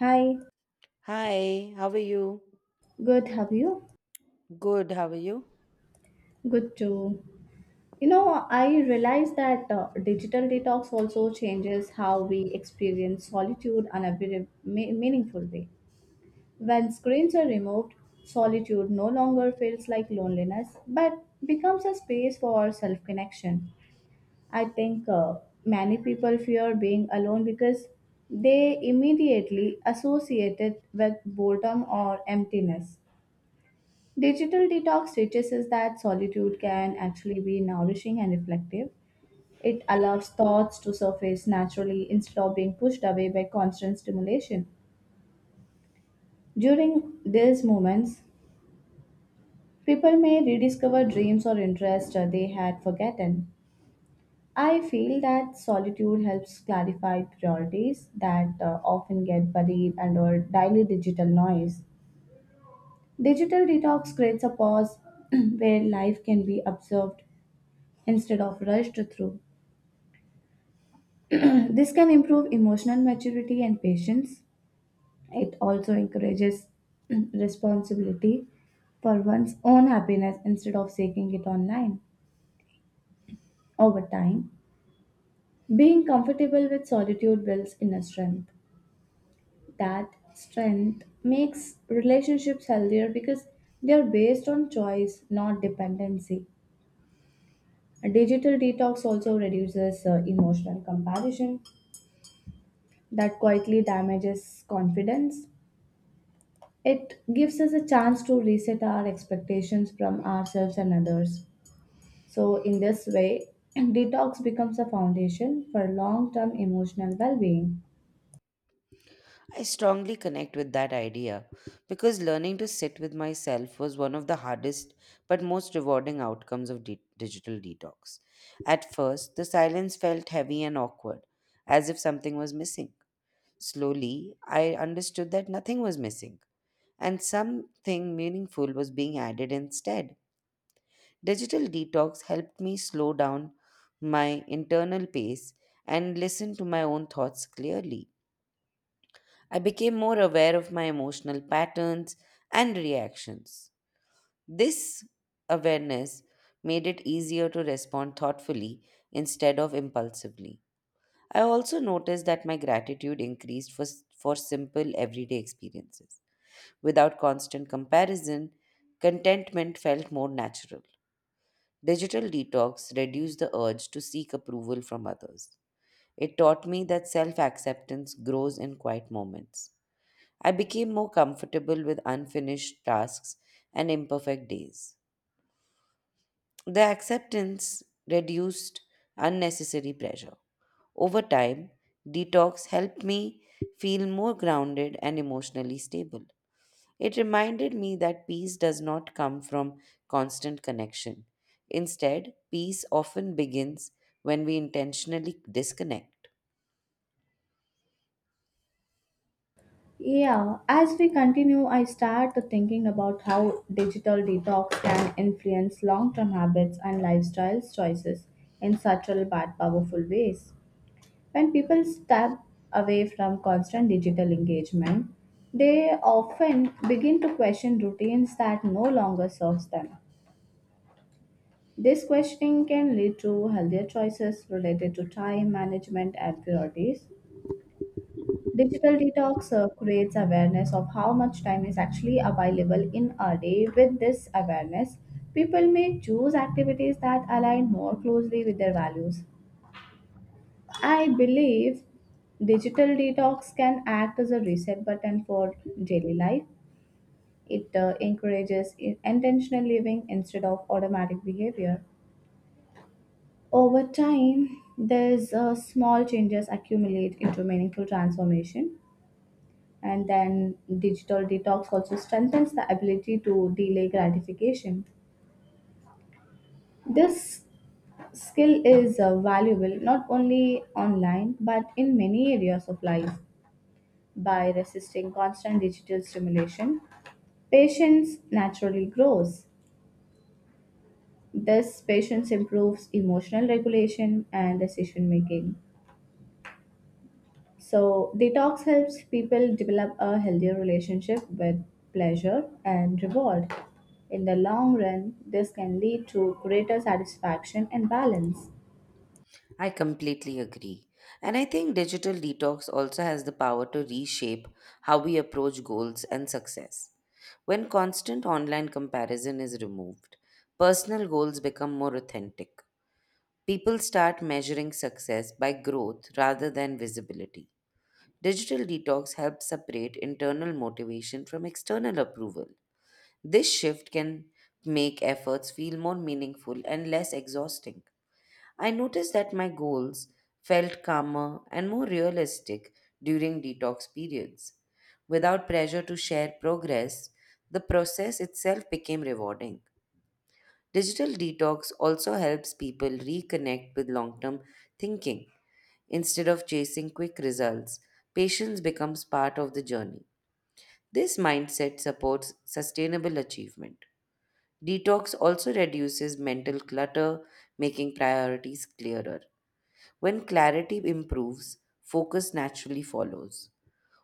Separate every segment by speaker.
Speaker 1: Hi,
Speaker 2: Hi, how are you?
Speaker 1: good. Have you?
Speaker 2: Good, how are you?
Speaker 1: Good too. You know, I realize that digital detox also changes how we experience solitude in a very meaningful way. When screens are removed, solitude no longer feels like loneliness, but becomes a space for self connection. I think many people fear being alone because they immediately associate it with boredom or emptiness. Digital detox teaches us that solitude can actually be nourishing and reflective. It allows thoughts to surface naturally instead of being pushed away by constant stimulation. During these moments, people may rediscover dreams or interests they had forgotten. I feel that solitude helps clarify priorities that often get buried under daily digital noise. Digital detox creates a pause where life can be observed instead of rushed through. This can improve emotional maturity and patience. It also encourages responsibility for one's own happiness instead of seeking it online. Over time, being comfortable with solitude builds inner strength. That strength makes relationships healthier because they are based on choice, not dependency. A digital detox also reduces emotional comparison that quietly damages confidence. It gives us a chance to reset our expectations from ourselves and others. So, in this way, detox becomes a foundation for long term emotional well being.
Speaker 2: I strongly connect with that idea because learning to sit with myself was one of the hardest but most rewarding outcomes of digital detox. At first, the silence felt heavy and awkward, as if something was missing. Slowly, I understood that nothing was missing and something meaningful was being added instead. Digital detox helped me slow down my internal pace and listen to my own thoughts clearly. I became more aware of my emotional patterns and reactions. This awareness made it easier to respond thoughtfully instead of impulsively. I also noticed that my gratitude increased for simple everyday experiences. Without constant comparison, contentment felt more natural. Digital detox reduced the urge to seek approval from others. It taught me that self acceptance grows in quiet moments. I became more comfortable with unfinished tasks and imperfect days. The acceptance reduced unnecessary pressure. Over time, detox helped me feel more grounded and emotionally stable. It reminded me that peace does not come from constant connection. Instead, peace often begins when we intentionally disconnect.
Speaker 1: Yeah, as we continue, I start thinking about how digital detox can influence long term habits and lifestyle choices in subtle but powerful ways. When people step away from constant digital engagement, they often begin to question routines that no longer serves them. This questioning can lead to healthier choices related to time management and priorities. Digital detox creates awareness of how much time is actually available in a day. With this awareness, people may choose activities that align more closely with their values. I believe digital detox can act as a reset button for daily life. It encourages intentional living instead of automatic behavior. Over time, these small changes accumulate into meaningful transformation. And then digital detox also strengthens the ability to delay gratification. This skill is valuable not only online but in many areas of life. By resisting constant digital stimulation, patience naturally grows. This patience improves emotional regulation and decision making. So, detox helps people develop a healthier relationship with pleasure and reward. In the long run, this can lead to greater satisfaction and balance.
Speaker 2: I completely agree. And I think digital detox also has the power to reshape how we approach goals and success. When constant online comparison is removed, personal goals become more authentic. People start measuring success by growth rather than visibility. Digital detox helps separate internal motivation from external approval. This shift can make efforts feel more meaningful and less exhausting. I noticed that my goals felt calmer and more realistic during detox periods. Without pressure to share progress, the process itself became rewarding. Digital detox also helps people reconnect with long term thinking. Instead of chasing quick results, patience becomes part of the journey. This mindset supports sustainable achievement. Detox also reduces mental clutter, making priorities clearer. When clarity improves, focus naturally follows.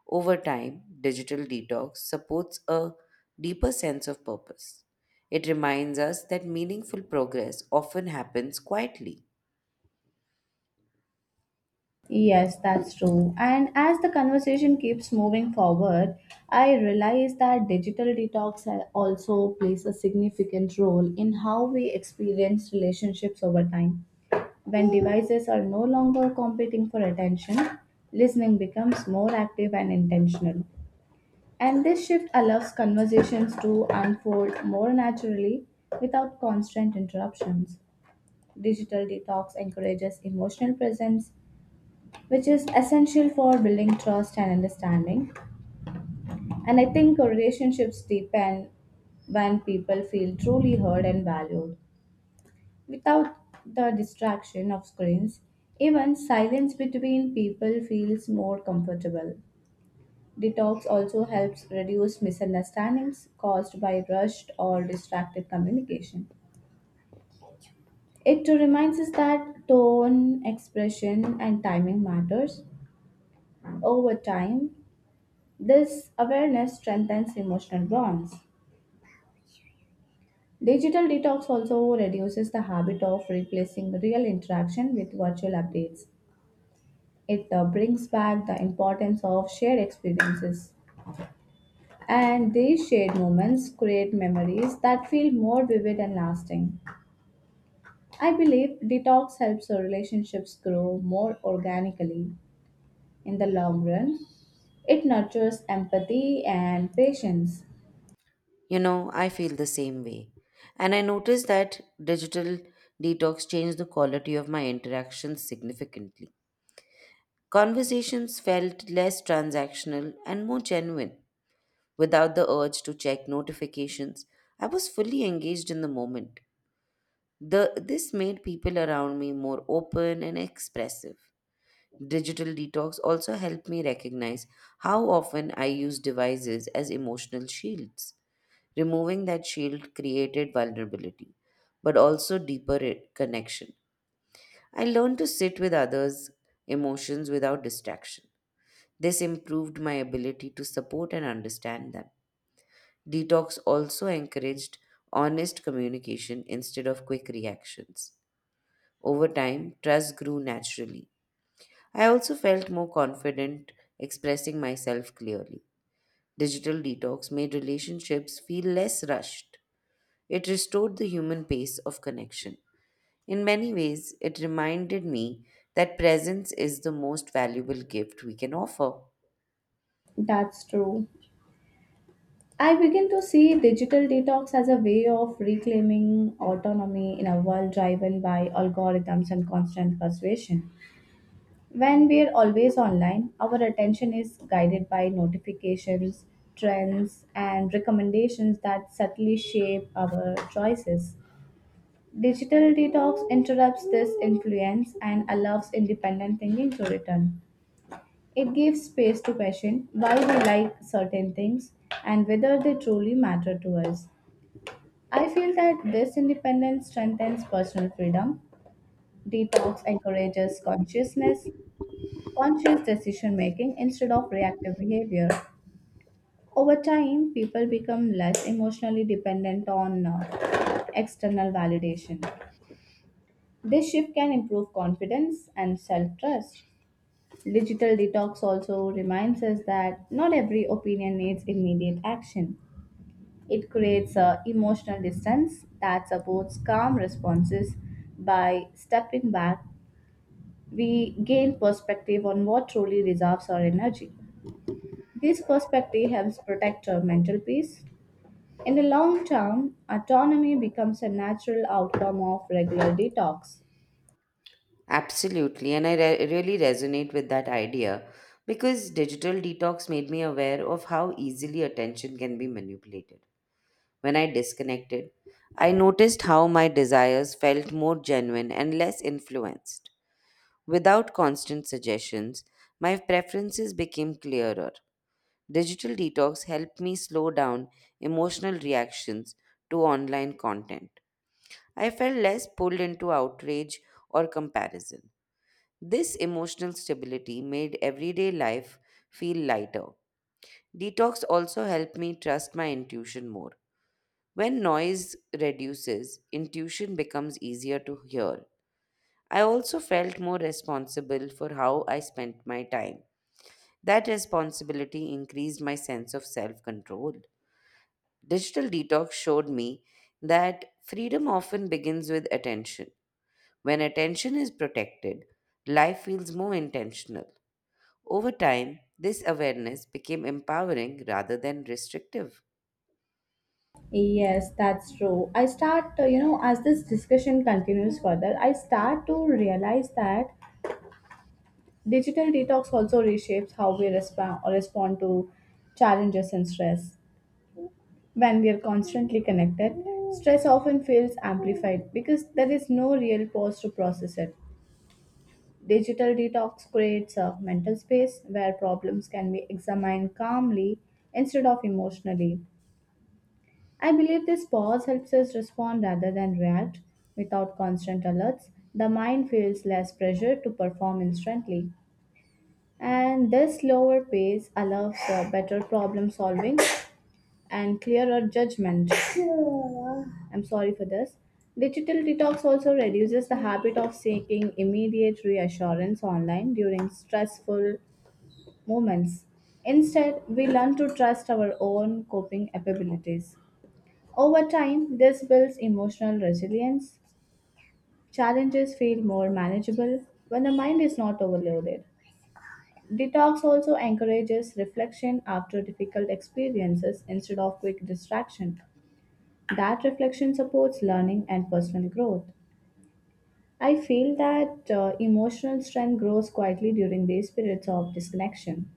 Speaker 2: Over time, digital detox supports a deeper sense of purpose. It reminds us that meaningful progress often happens quietly.
Speaker 1: Yes, that's true. And as the conversation keeps moving forward, I realize that digital detox also plays a significant role in how we experience relationships over time. When devices are no longer competing for attention, listening becomes more active and intentional. And this shift allows conversations to unfold more naturally without constant interruptions. Digital detox encourages emotional presence which is essential for building trust and understanding. And I think relationships deepen when people feel truly heard and valued without the distraction of screens. Even silence between people feels more comfortable. Detox also helps reduce misunderstandings caused by rushed or distracted communication. It too reminds us that tone, expression, and timing matters over time. This awareness strengthens emotional bonds. Digital detox also reduces the habit of replacing real interaction with virtual updates. It brings back the importance of shared experiences. And these shared moments create memories that feel more vivid and lasting. I believe detox helps our relationships grow more organically in the long run. It nurtures empathy and patience.
Speaker 2: You know, I feel the same way. And I noticed that digital detox changed the quality of my interactions significantly. Conversations felt less transactional and more genuine. Without the urge to check notifications, I was fully engaged in the moment. This made people around me more open and expressive. Digital detox also helped me recognize how often I use devices as emotional shields. Removing that shield created vulnerability, but also deeper connection. I learned to sit with others' emotions without distraction. This improved my ability to support and understand them. Detox also encouraged honest communication instead of quick reactions. Over time, trust grew naturally. I also felt more confident expressing myself clearly. Digital detox made relationships feel less rushed. It restored the human pace of connection. In many ways, it reminded me that presence is the most valuable gift we can offer.
Speaker 1: That's true. I begin to see digital detox as a way of reclaiming autonomy in a world driven by algorithms and constant persuasion. When we are always online, our attention is guided by notifications, trends, and recommendations that subtly shape our choices. Digital detox interrupts this influence and allows independent thinking to return. It gives space to question why we like certain things and whether they truly matter to us. I feel that this independence strengthens personal freedom. Detox encourages consciousness, conscious decision making instead of reactive behavior. Over time, people become less emotionally dependent on external validation. This shift can improve confidence and self trust. Digital detox also reminds us that not every opinion needs immediate action. It creates a emotional distance that supports calm responses. By stepping back, we gain perspective on what truly deserves our energy. This perspective helps protect our mental peace. In the long term, autonomy becomes a natural outcome of regular detox.
Speaker 2: Absolutely, and I really resonate with that idea because digital detox made me aware of how easily attention can be manipulated. When I disconnected, I noticed how my desires felt more genuine and less influenced. Without constant suggestions, my preferences became clearer. Digital detox helped me slow down emotional reactions to online content. I felt less pulled into outrage or comparison. This emotional stability made everyday life feel lighter. Detox also helped me trust my intuition more. When noise reduces, intuition becomes easier to hear. I also felt more responsible for how I spent my time. That responsibility increased my sense of self control. Digital detox showed me that freedom often begins with attention. When attention is protected, life feels more intentional. Over time, this awareness became empowering rather than restrictive.
Speaker 1: Yes, that's true. I start, you know, as this discussion continues further, I start to realize that digital detox also reshapes how we respond to challenges and stress. When we are constantly connected, stress often feels amplified because there is no real pause to process it. Digital detox creates a mental space where problems can be examined calmly instead of emotionally. I believe this pause helps us respond rather than react. Without constant alerts, the mind feels less pressure to perform instantly. And this lower pace allows better problem solving and clearer judgment. I'm sorry for this. Digital detox also reduces the habit of seeking immediate reassurance online during stressful moments. Instead, we learn to trust our own coping abilities. Over time, this builds emotional resilience. Challenges feel more manageable when the mind is not overloaded. Detox also encourages reflection after difficult experiences instead of quick distraction. That reflection supports learning and personal growth. I feel that emotional strength grows quietly during these periods of disconnection.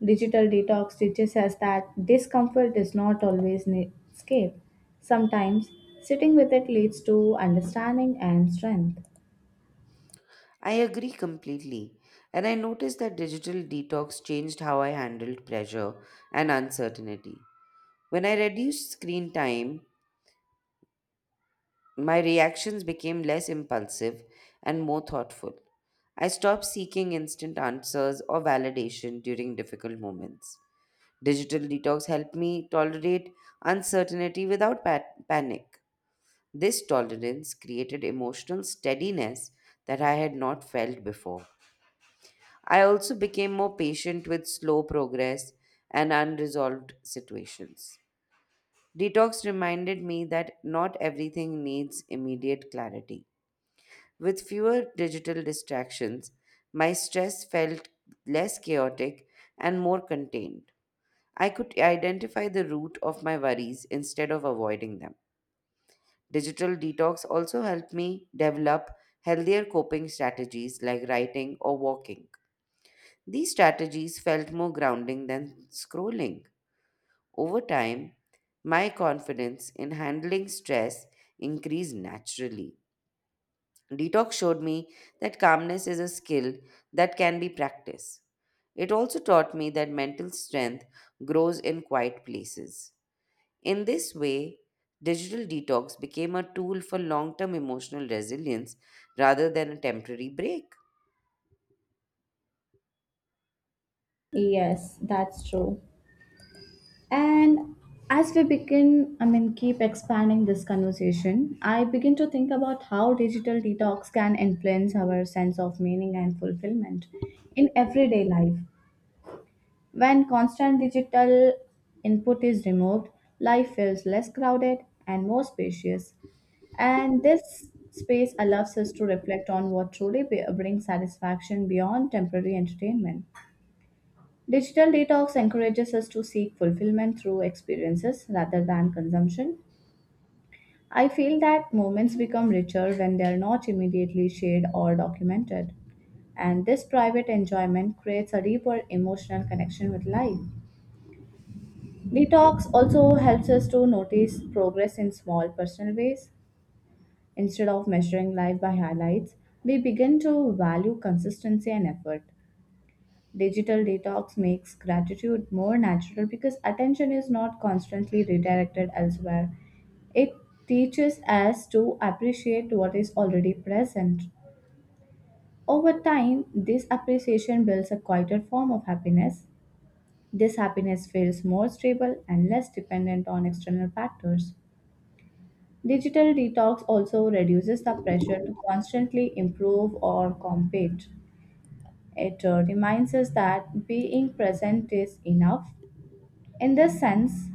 Speaker 1: Digital detox teaches us that discomfort is not always an escape. Sometimes sitting with it leads to understanding and strength.
Speaker 2: I agree completely, and I noticed that digital detox changed how I handled pressure and uncertainty. When I reduced screen time, my reactions became less impulsive and more thoughtful. I stopped seeking instant answers or validation during difficult moments. Digital detox helped me tolerate uncertainty without panic. This tolerance created emotional steadiness that I had not felt before. I also became more patient with slow progress and unresolved situations. Detox reminded me that not everything needs immediate clarity. With fewer digital distractions, my stress felt less chaotic and more contained. I could identify the root of my worries instead of avoiding them. Digital detox also helped me develop healthier coping strategies like writing or walking. These strategies felt more grounding than scrolling. Over time, my confidence in handling stress increased naturally. Detox showed me that calmness is a skill that can be practiced. It also taught me that mental strength grows in quiet places. In this way, digital detox became a tool for long term emotional resilience rather than a temporary break.
Speaker 1: Yes, that's true. And as we begin, I mean, keep expanding this conversation, I begin to think about how digital detox can influence our sense of meaning and fulfillment in everyday life. When constant digital input is removed, life feels less crowded and more spacious. And this space allows us to reflect on what truly brings satisfaction beyond temporary entertainment. Digital detox encourages us to seek fulfillment through experiences rather than consumption. I feel that moments become richer when they are not immediately shared or documented. And this private enjoyment creates a deeper emotional connection with life. Detox also helps us to notice progress in small personal ways. Instead of measuring life by highlights, we begin to value consistency and effort. Digital detox makes gratitude more natural because attention is not constantly redirected elsewhere. It teaches us to appreciate what is already present. Over time, this appreciation builds a quieter form of happiness. This happiness feels more stable and less dependent on external factors. Digital detox also reduces the pressure to constantly improve or compete. It reminds us that being present is enough. In this sense,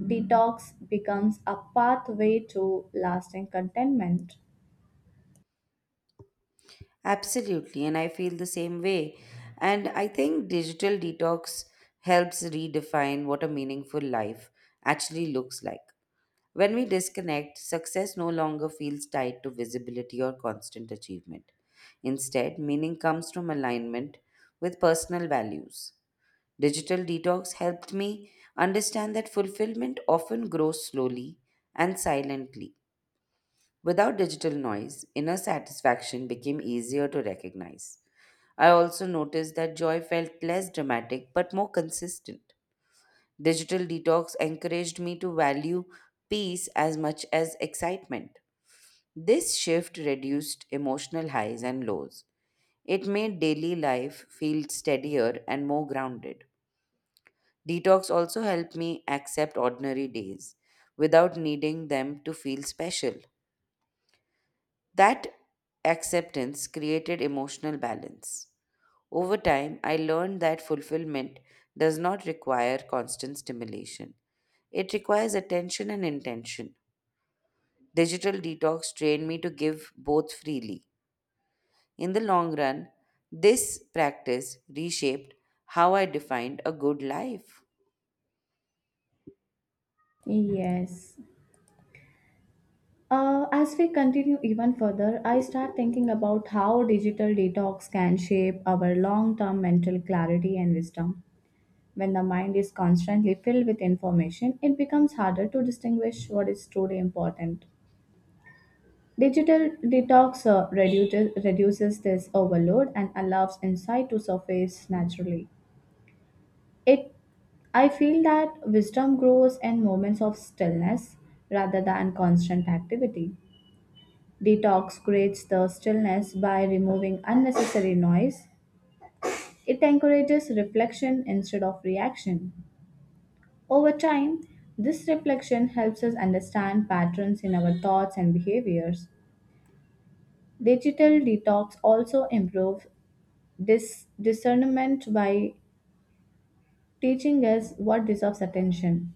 Speaker 1: detox becomes a pathway to lasting contentment.
Speaker 2: Absolutely, and I feel the same way. And I think digital detox helps redefine what a meaningful life actually looks like. When we disconnect, success no longer feels tied to visibility or constant achievement. Instead, meaning comes from alignment with personal values. Digital detox helped me understand that fulfillment often grows slowly and silently. Without digital noise, inner satisfaction became easier to recognize. I also noticed that joy felt less dramatic but more consistent. Digital detox encouraged me to value peace as much as excitement. This shift reduced emotional highs and lows. It made daily life feel steadier and more grounded. Detox also helped me accept ordinary days without needing them to feel special. That acceptance created emotional balance. Over time, I learned that fulfillment does not require constant stimulation, it requires attention and intention. Digital detox trained me to give both freely. In the long run, this practice reshaped how I defined a good life.
Speaker 1: Yes. As we continue even further, I start thinking about how digital detox can shape our long term mental clarity and wisdom. When the mind is constantly filled with information, it becomes harder to distinguish what is truly important. Digital detox reduces this overload and allows insight to surface naturally. It I feel that wisdom grows in moments of stillness rather than constant activity. Detox creates the stillness by removing unnecessary noise. It encourages reflection instead of reaction. Over time, this reflection helps us understand patterns in our thoughts and behaviors. Digital detox also improves this discernment by teaching us what deserves attention.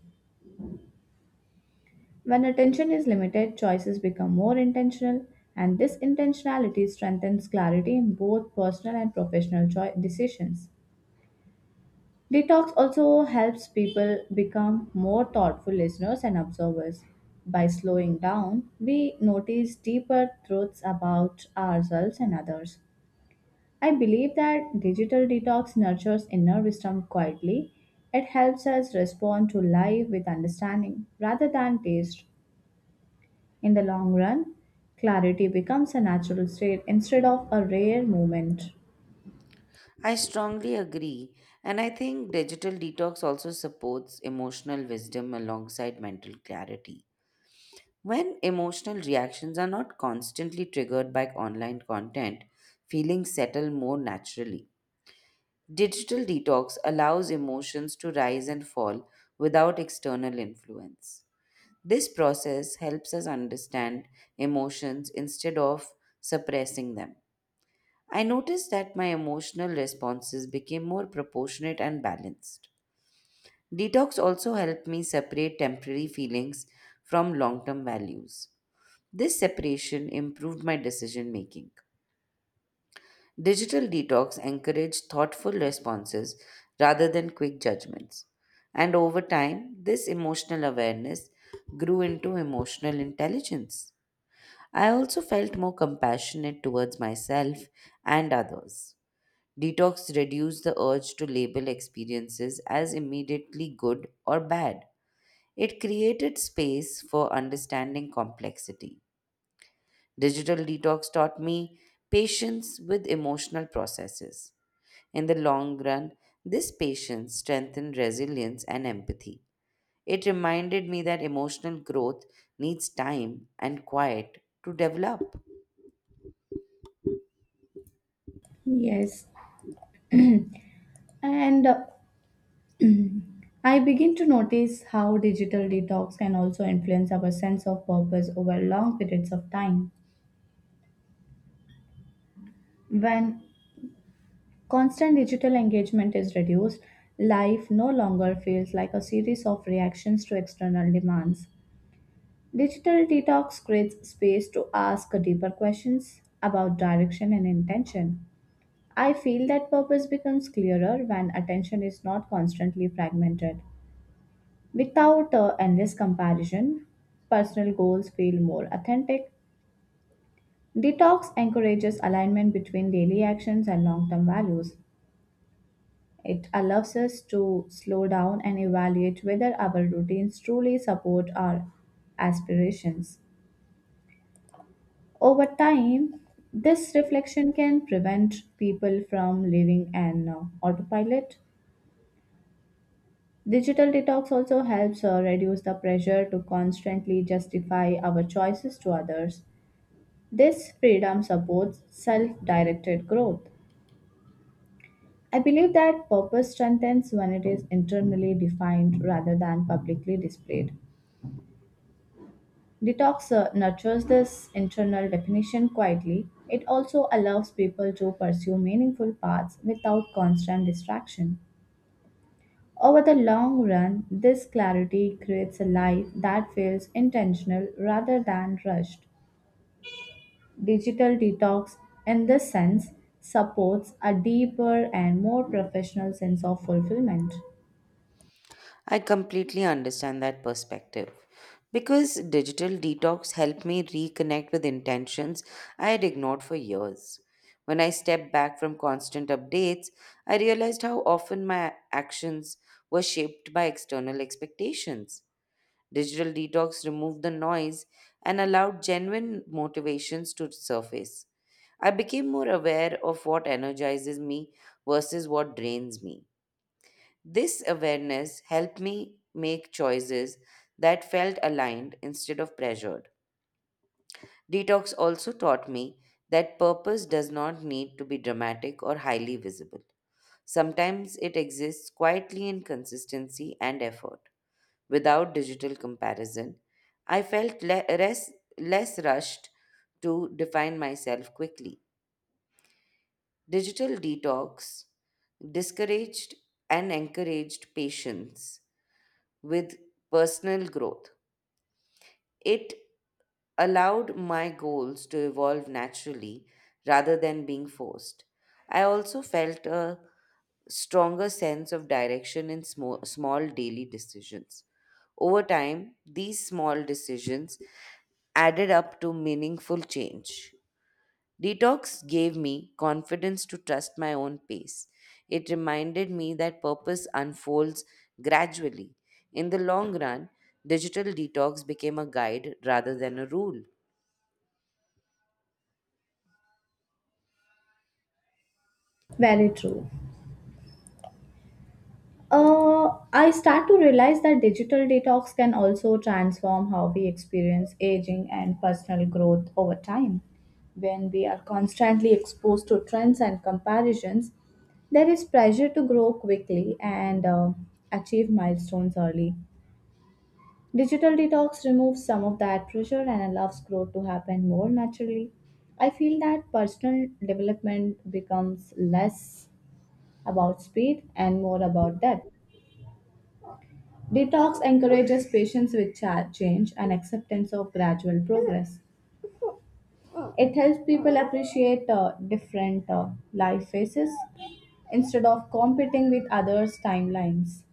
Speaker 1: When attention is limited, choices become more intentional, and this intentionality strengthens clarity in both personal and professional decisions. Detox also helps people become more thoughtful listeners and observers. By slowing down, we notice deeper truths about ourselves and others. I believe that digital detox nurtures inner wisdom quietly. It helps us respond to life with understanding rather than taste. In the long run, clarity becomes a natural state instead of a rare moment.
Speaker 2: I strongly agree. And I think digital detox also supports emotional wisdom alongside mental clarity. When emotional reactions are not constantly triggered by online content, feelings settle more naturally. Digital detox allows emotions to rise and fall without external influence. This process helps us understand emotions instead of suppressing them. I noticed that my emotional responses became more proportionate and balanced. Detox also helped me separate temporary feelings from long term values. This separation improved my decision making. Digital detox encouraged thoughtful responses rather than quick judgments. And over time, this emotional awareness grew into emotional intelligence. I also felt more compassionate towards myself and others. Detox reduces the urge to label experiences as immediately good or bad. It created space for understanding complexity. Digital detox taught me patience with emotional processes. In the long run, this patience strengthened resilience and empathy. It reminded me that emotional growth needs time and quiet to develop.
Speaker 1: Yes, and I begin to notice how digital detox can also influence our sense of purpose over long periods of time. When constant digital engagement is reduced, life no longer feels like a series of reactions to external demands. Digital detox creates space to ask deeper questions about direction and intention. I feel that purpose becomes clearer when attention is not constantly fragmented. Without endless comparison, personal goals feel more authentic. Detox encourages alignment between daily actions and long term values. It allows us to slow down and evaluate whether our routines truly support our aspirations. Over time, this reflection can prevent people from living an autopilot. Digital detox also helps reduce the pressure to constantly justify our choices to others. This freedom supports self directed growth. I believe that purpose strengthens when it is internally defined rather than publicly displayed. Detox nurtures this internal definition quietly. It also allows people to pursue meaningful paths without constant distraction. Over the long run, this clarity creates a life that feels intentional rather than rushed. Digital detox, in this sense, supports a deeper and more professional sense of fulfillment.
Speaker 2: I completely understand that perspective. Because digital detox helped me reconnect with intentions I had ignored for years. When I stepped back from constant updates, I realized how often my actions were shaped by external expectations. Digital detox removed the noise and allowed genuine motivations to surface. I became more aware of what energizes me versus what drains me this awareness helped me make choices that felt aligned instead of pressured. Detox also taught me that purpose does not need to be dramatic or highly visible. Sometimes it exists quietly in consistency and effort. Without digital comparison, I felt less rushed to define myself quickly. Digital detox discouraged and encouraged patience with personal growth. It allowed my goals to evolve naturally rather than being forced. I also felt a stronger sense of direction in small daily decisions. Over time, these small decisions added up to meaningful change. Detox gave me confidence to trust my own pace. It reminded me that purpose unfolds gradually. In the long run, digital detox became a guide rather than a rule.
Speaker 1: Very true. I start to realize that digital detox can also transform how we experience aging and personal growth over time. When we are constantly exposed to trends and comparisons, there is pressure to grow quickly and achieve milestones early. Digital detox removes some of that pressure and allows growth to happen more naturally. I feel that personal development becomes less about speed and more about depth. Detox encourages patience with change and acceptance of gradual progress. It helps people appreciate different life phases instead of competing with others' timelines.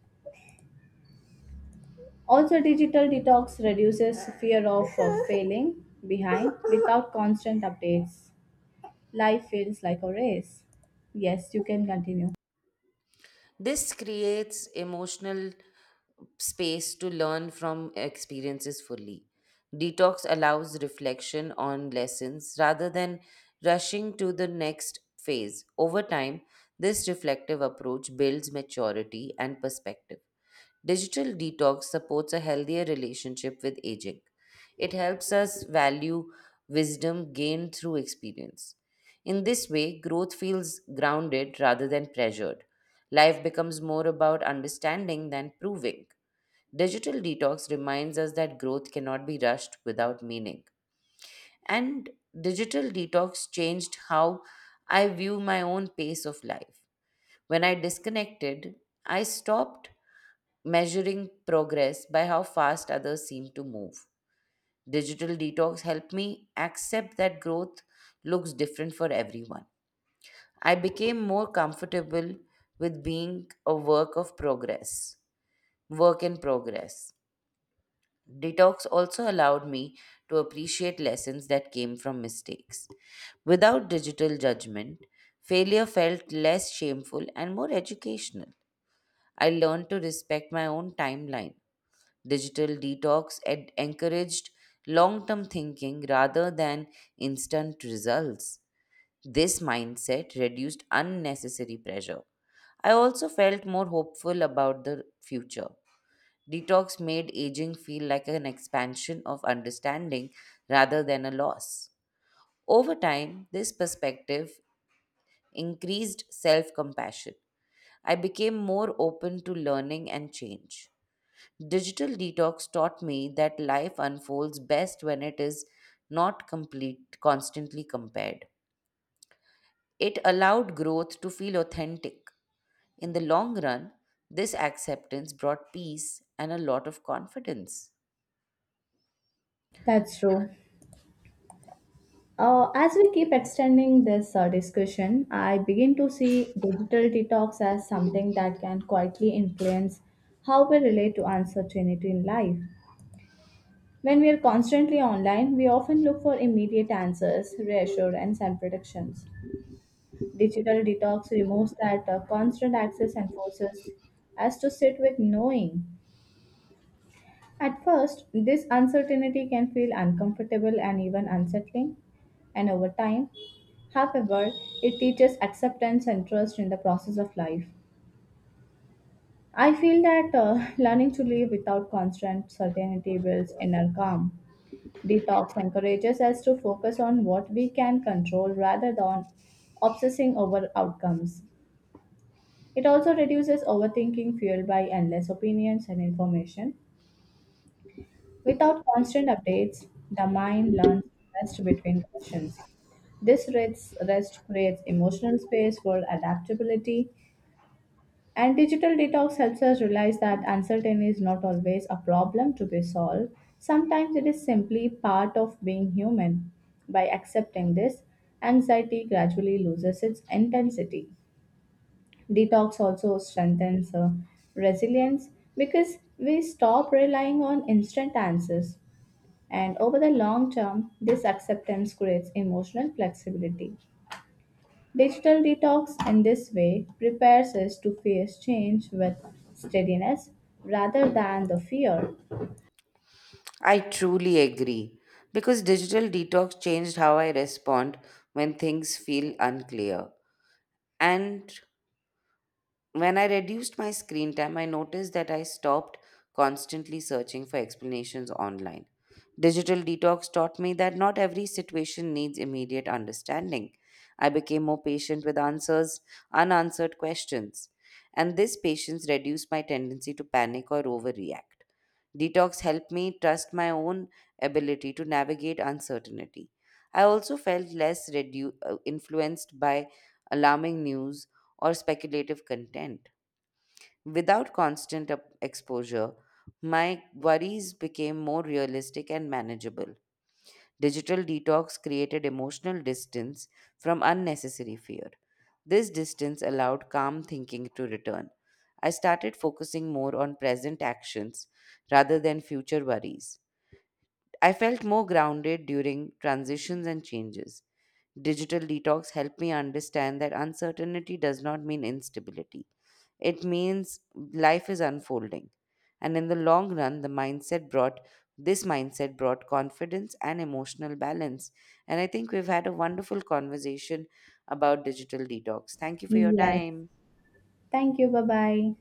Speaker 1: Also, digital detox reduces fear of failing behind without constant updates. Life feels like a race. Yes, you can continue.
Speaker 2: This creates emotional space to learn from experiences fully. Detox allows reflection on lessons rather than rushing to the next phase. Over time, this reflective approach builds maturity and perspective. Digital detox supports a healthier relationship with aging. It helps us value wisdom gained through experience. In this way, growth feels grounded rather than pressured. Life becomes more about understanding than proving. Digital detox reminds us that growth cannot be rushed without meaning. And digital detox changed how I view my own pace of life. When I disconnected, I stopped measuring progress by how fast others seem to move. Digital detox helped me accept that growth looks different for everyone. I became more comfortable with being a work in progress. Detox also allowed me to appreciate lessons that came from mistakes. Without digital judgment, failure felt less shameful and more educational. I learned to respect my own timeline. Digital detox encouraged long term thinking rather than instant results. This mindset reduced unnecessary pressure. I also felt more hopeful about the future. Detox made aging feel like an expansion of understanding rather than a loss. Over time, this perspective increased self compassion. I became more open to learning and change. Digital detox taught me that life unfolds best when it is not complete, constantly compared. It allowed growth to feel authentic. In the long run, this acceptance brought peace and a lot of confidence.
Speaker 1: That's true. As we keep extending this discussion, I begin to see digital detox as something that can quietly influence how we relate to uncertainty in life. When we are constantly online, we often look for immediate answers, reassurance, and predictions. Digital detox removes that constant access and forces us to sit with knowing. At first, this uncertainty can feel uncomfortable and even unsettling and over time. However, it teaches acceptance and trust in the process of life. I feel that learning to live without constant certainty builds inner calm. Detox encourages us to focus on what we can control rather than obsessing over outcomes. It also reduces overthinking fueled by endless opinions and information. Without constant updates, the mind learns to rest between questions. This rest creates emotional space for adaptability. And digital detox helps us realize that uncertainty is not always a problem to be solved. Sometimes it is simply part of being human. By accepting this, anxiety gradually loses its intensity. Detox also strengthens resilience because we stop relying on instant answers. And over the long term, this acceptance creates emotional flexibility. Digital detox in this way prepares us to face change with steadiness rather than the fear.
Speaker 2: I truly agree because digital detox changed how I respond when things feel unclear. And when I reduced my screen time, I noticed that I stopped constantly searching for explanations online. Digital detox taught me that not every situation needs immediate understanding. I became more patient with unanswered questions, and this patience reduced my tendency to panic or overreact. Detox helped me trust my own ability to navigate uncertainty. I also felt less influenced by alarming news or speculative content. Without constant exposure, my worries became more realistic and manageable. Digital detox created emotional distance from unnecessary fear. This distance allowed calm thinking to return. I started focusing more on present actions rather than future worries. I felt more grounded during transitions and changes. Digital detox helped me understand that uncertainty does not mean instability. It means life is unfolding. And in the long run, the mindset brought this mindset brought confidence and emotional balance. And I think we've had a wonderful conversation about digital detox. Thank you for your
Speaker 1: Yes.
Speaker 2: time.
Speaker 1: Thank you. Bye bye.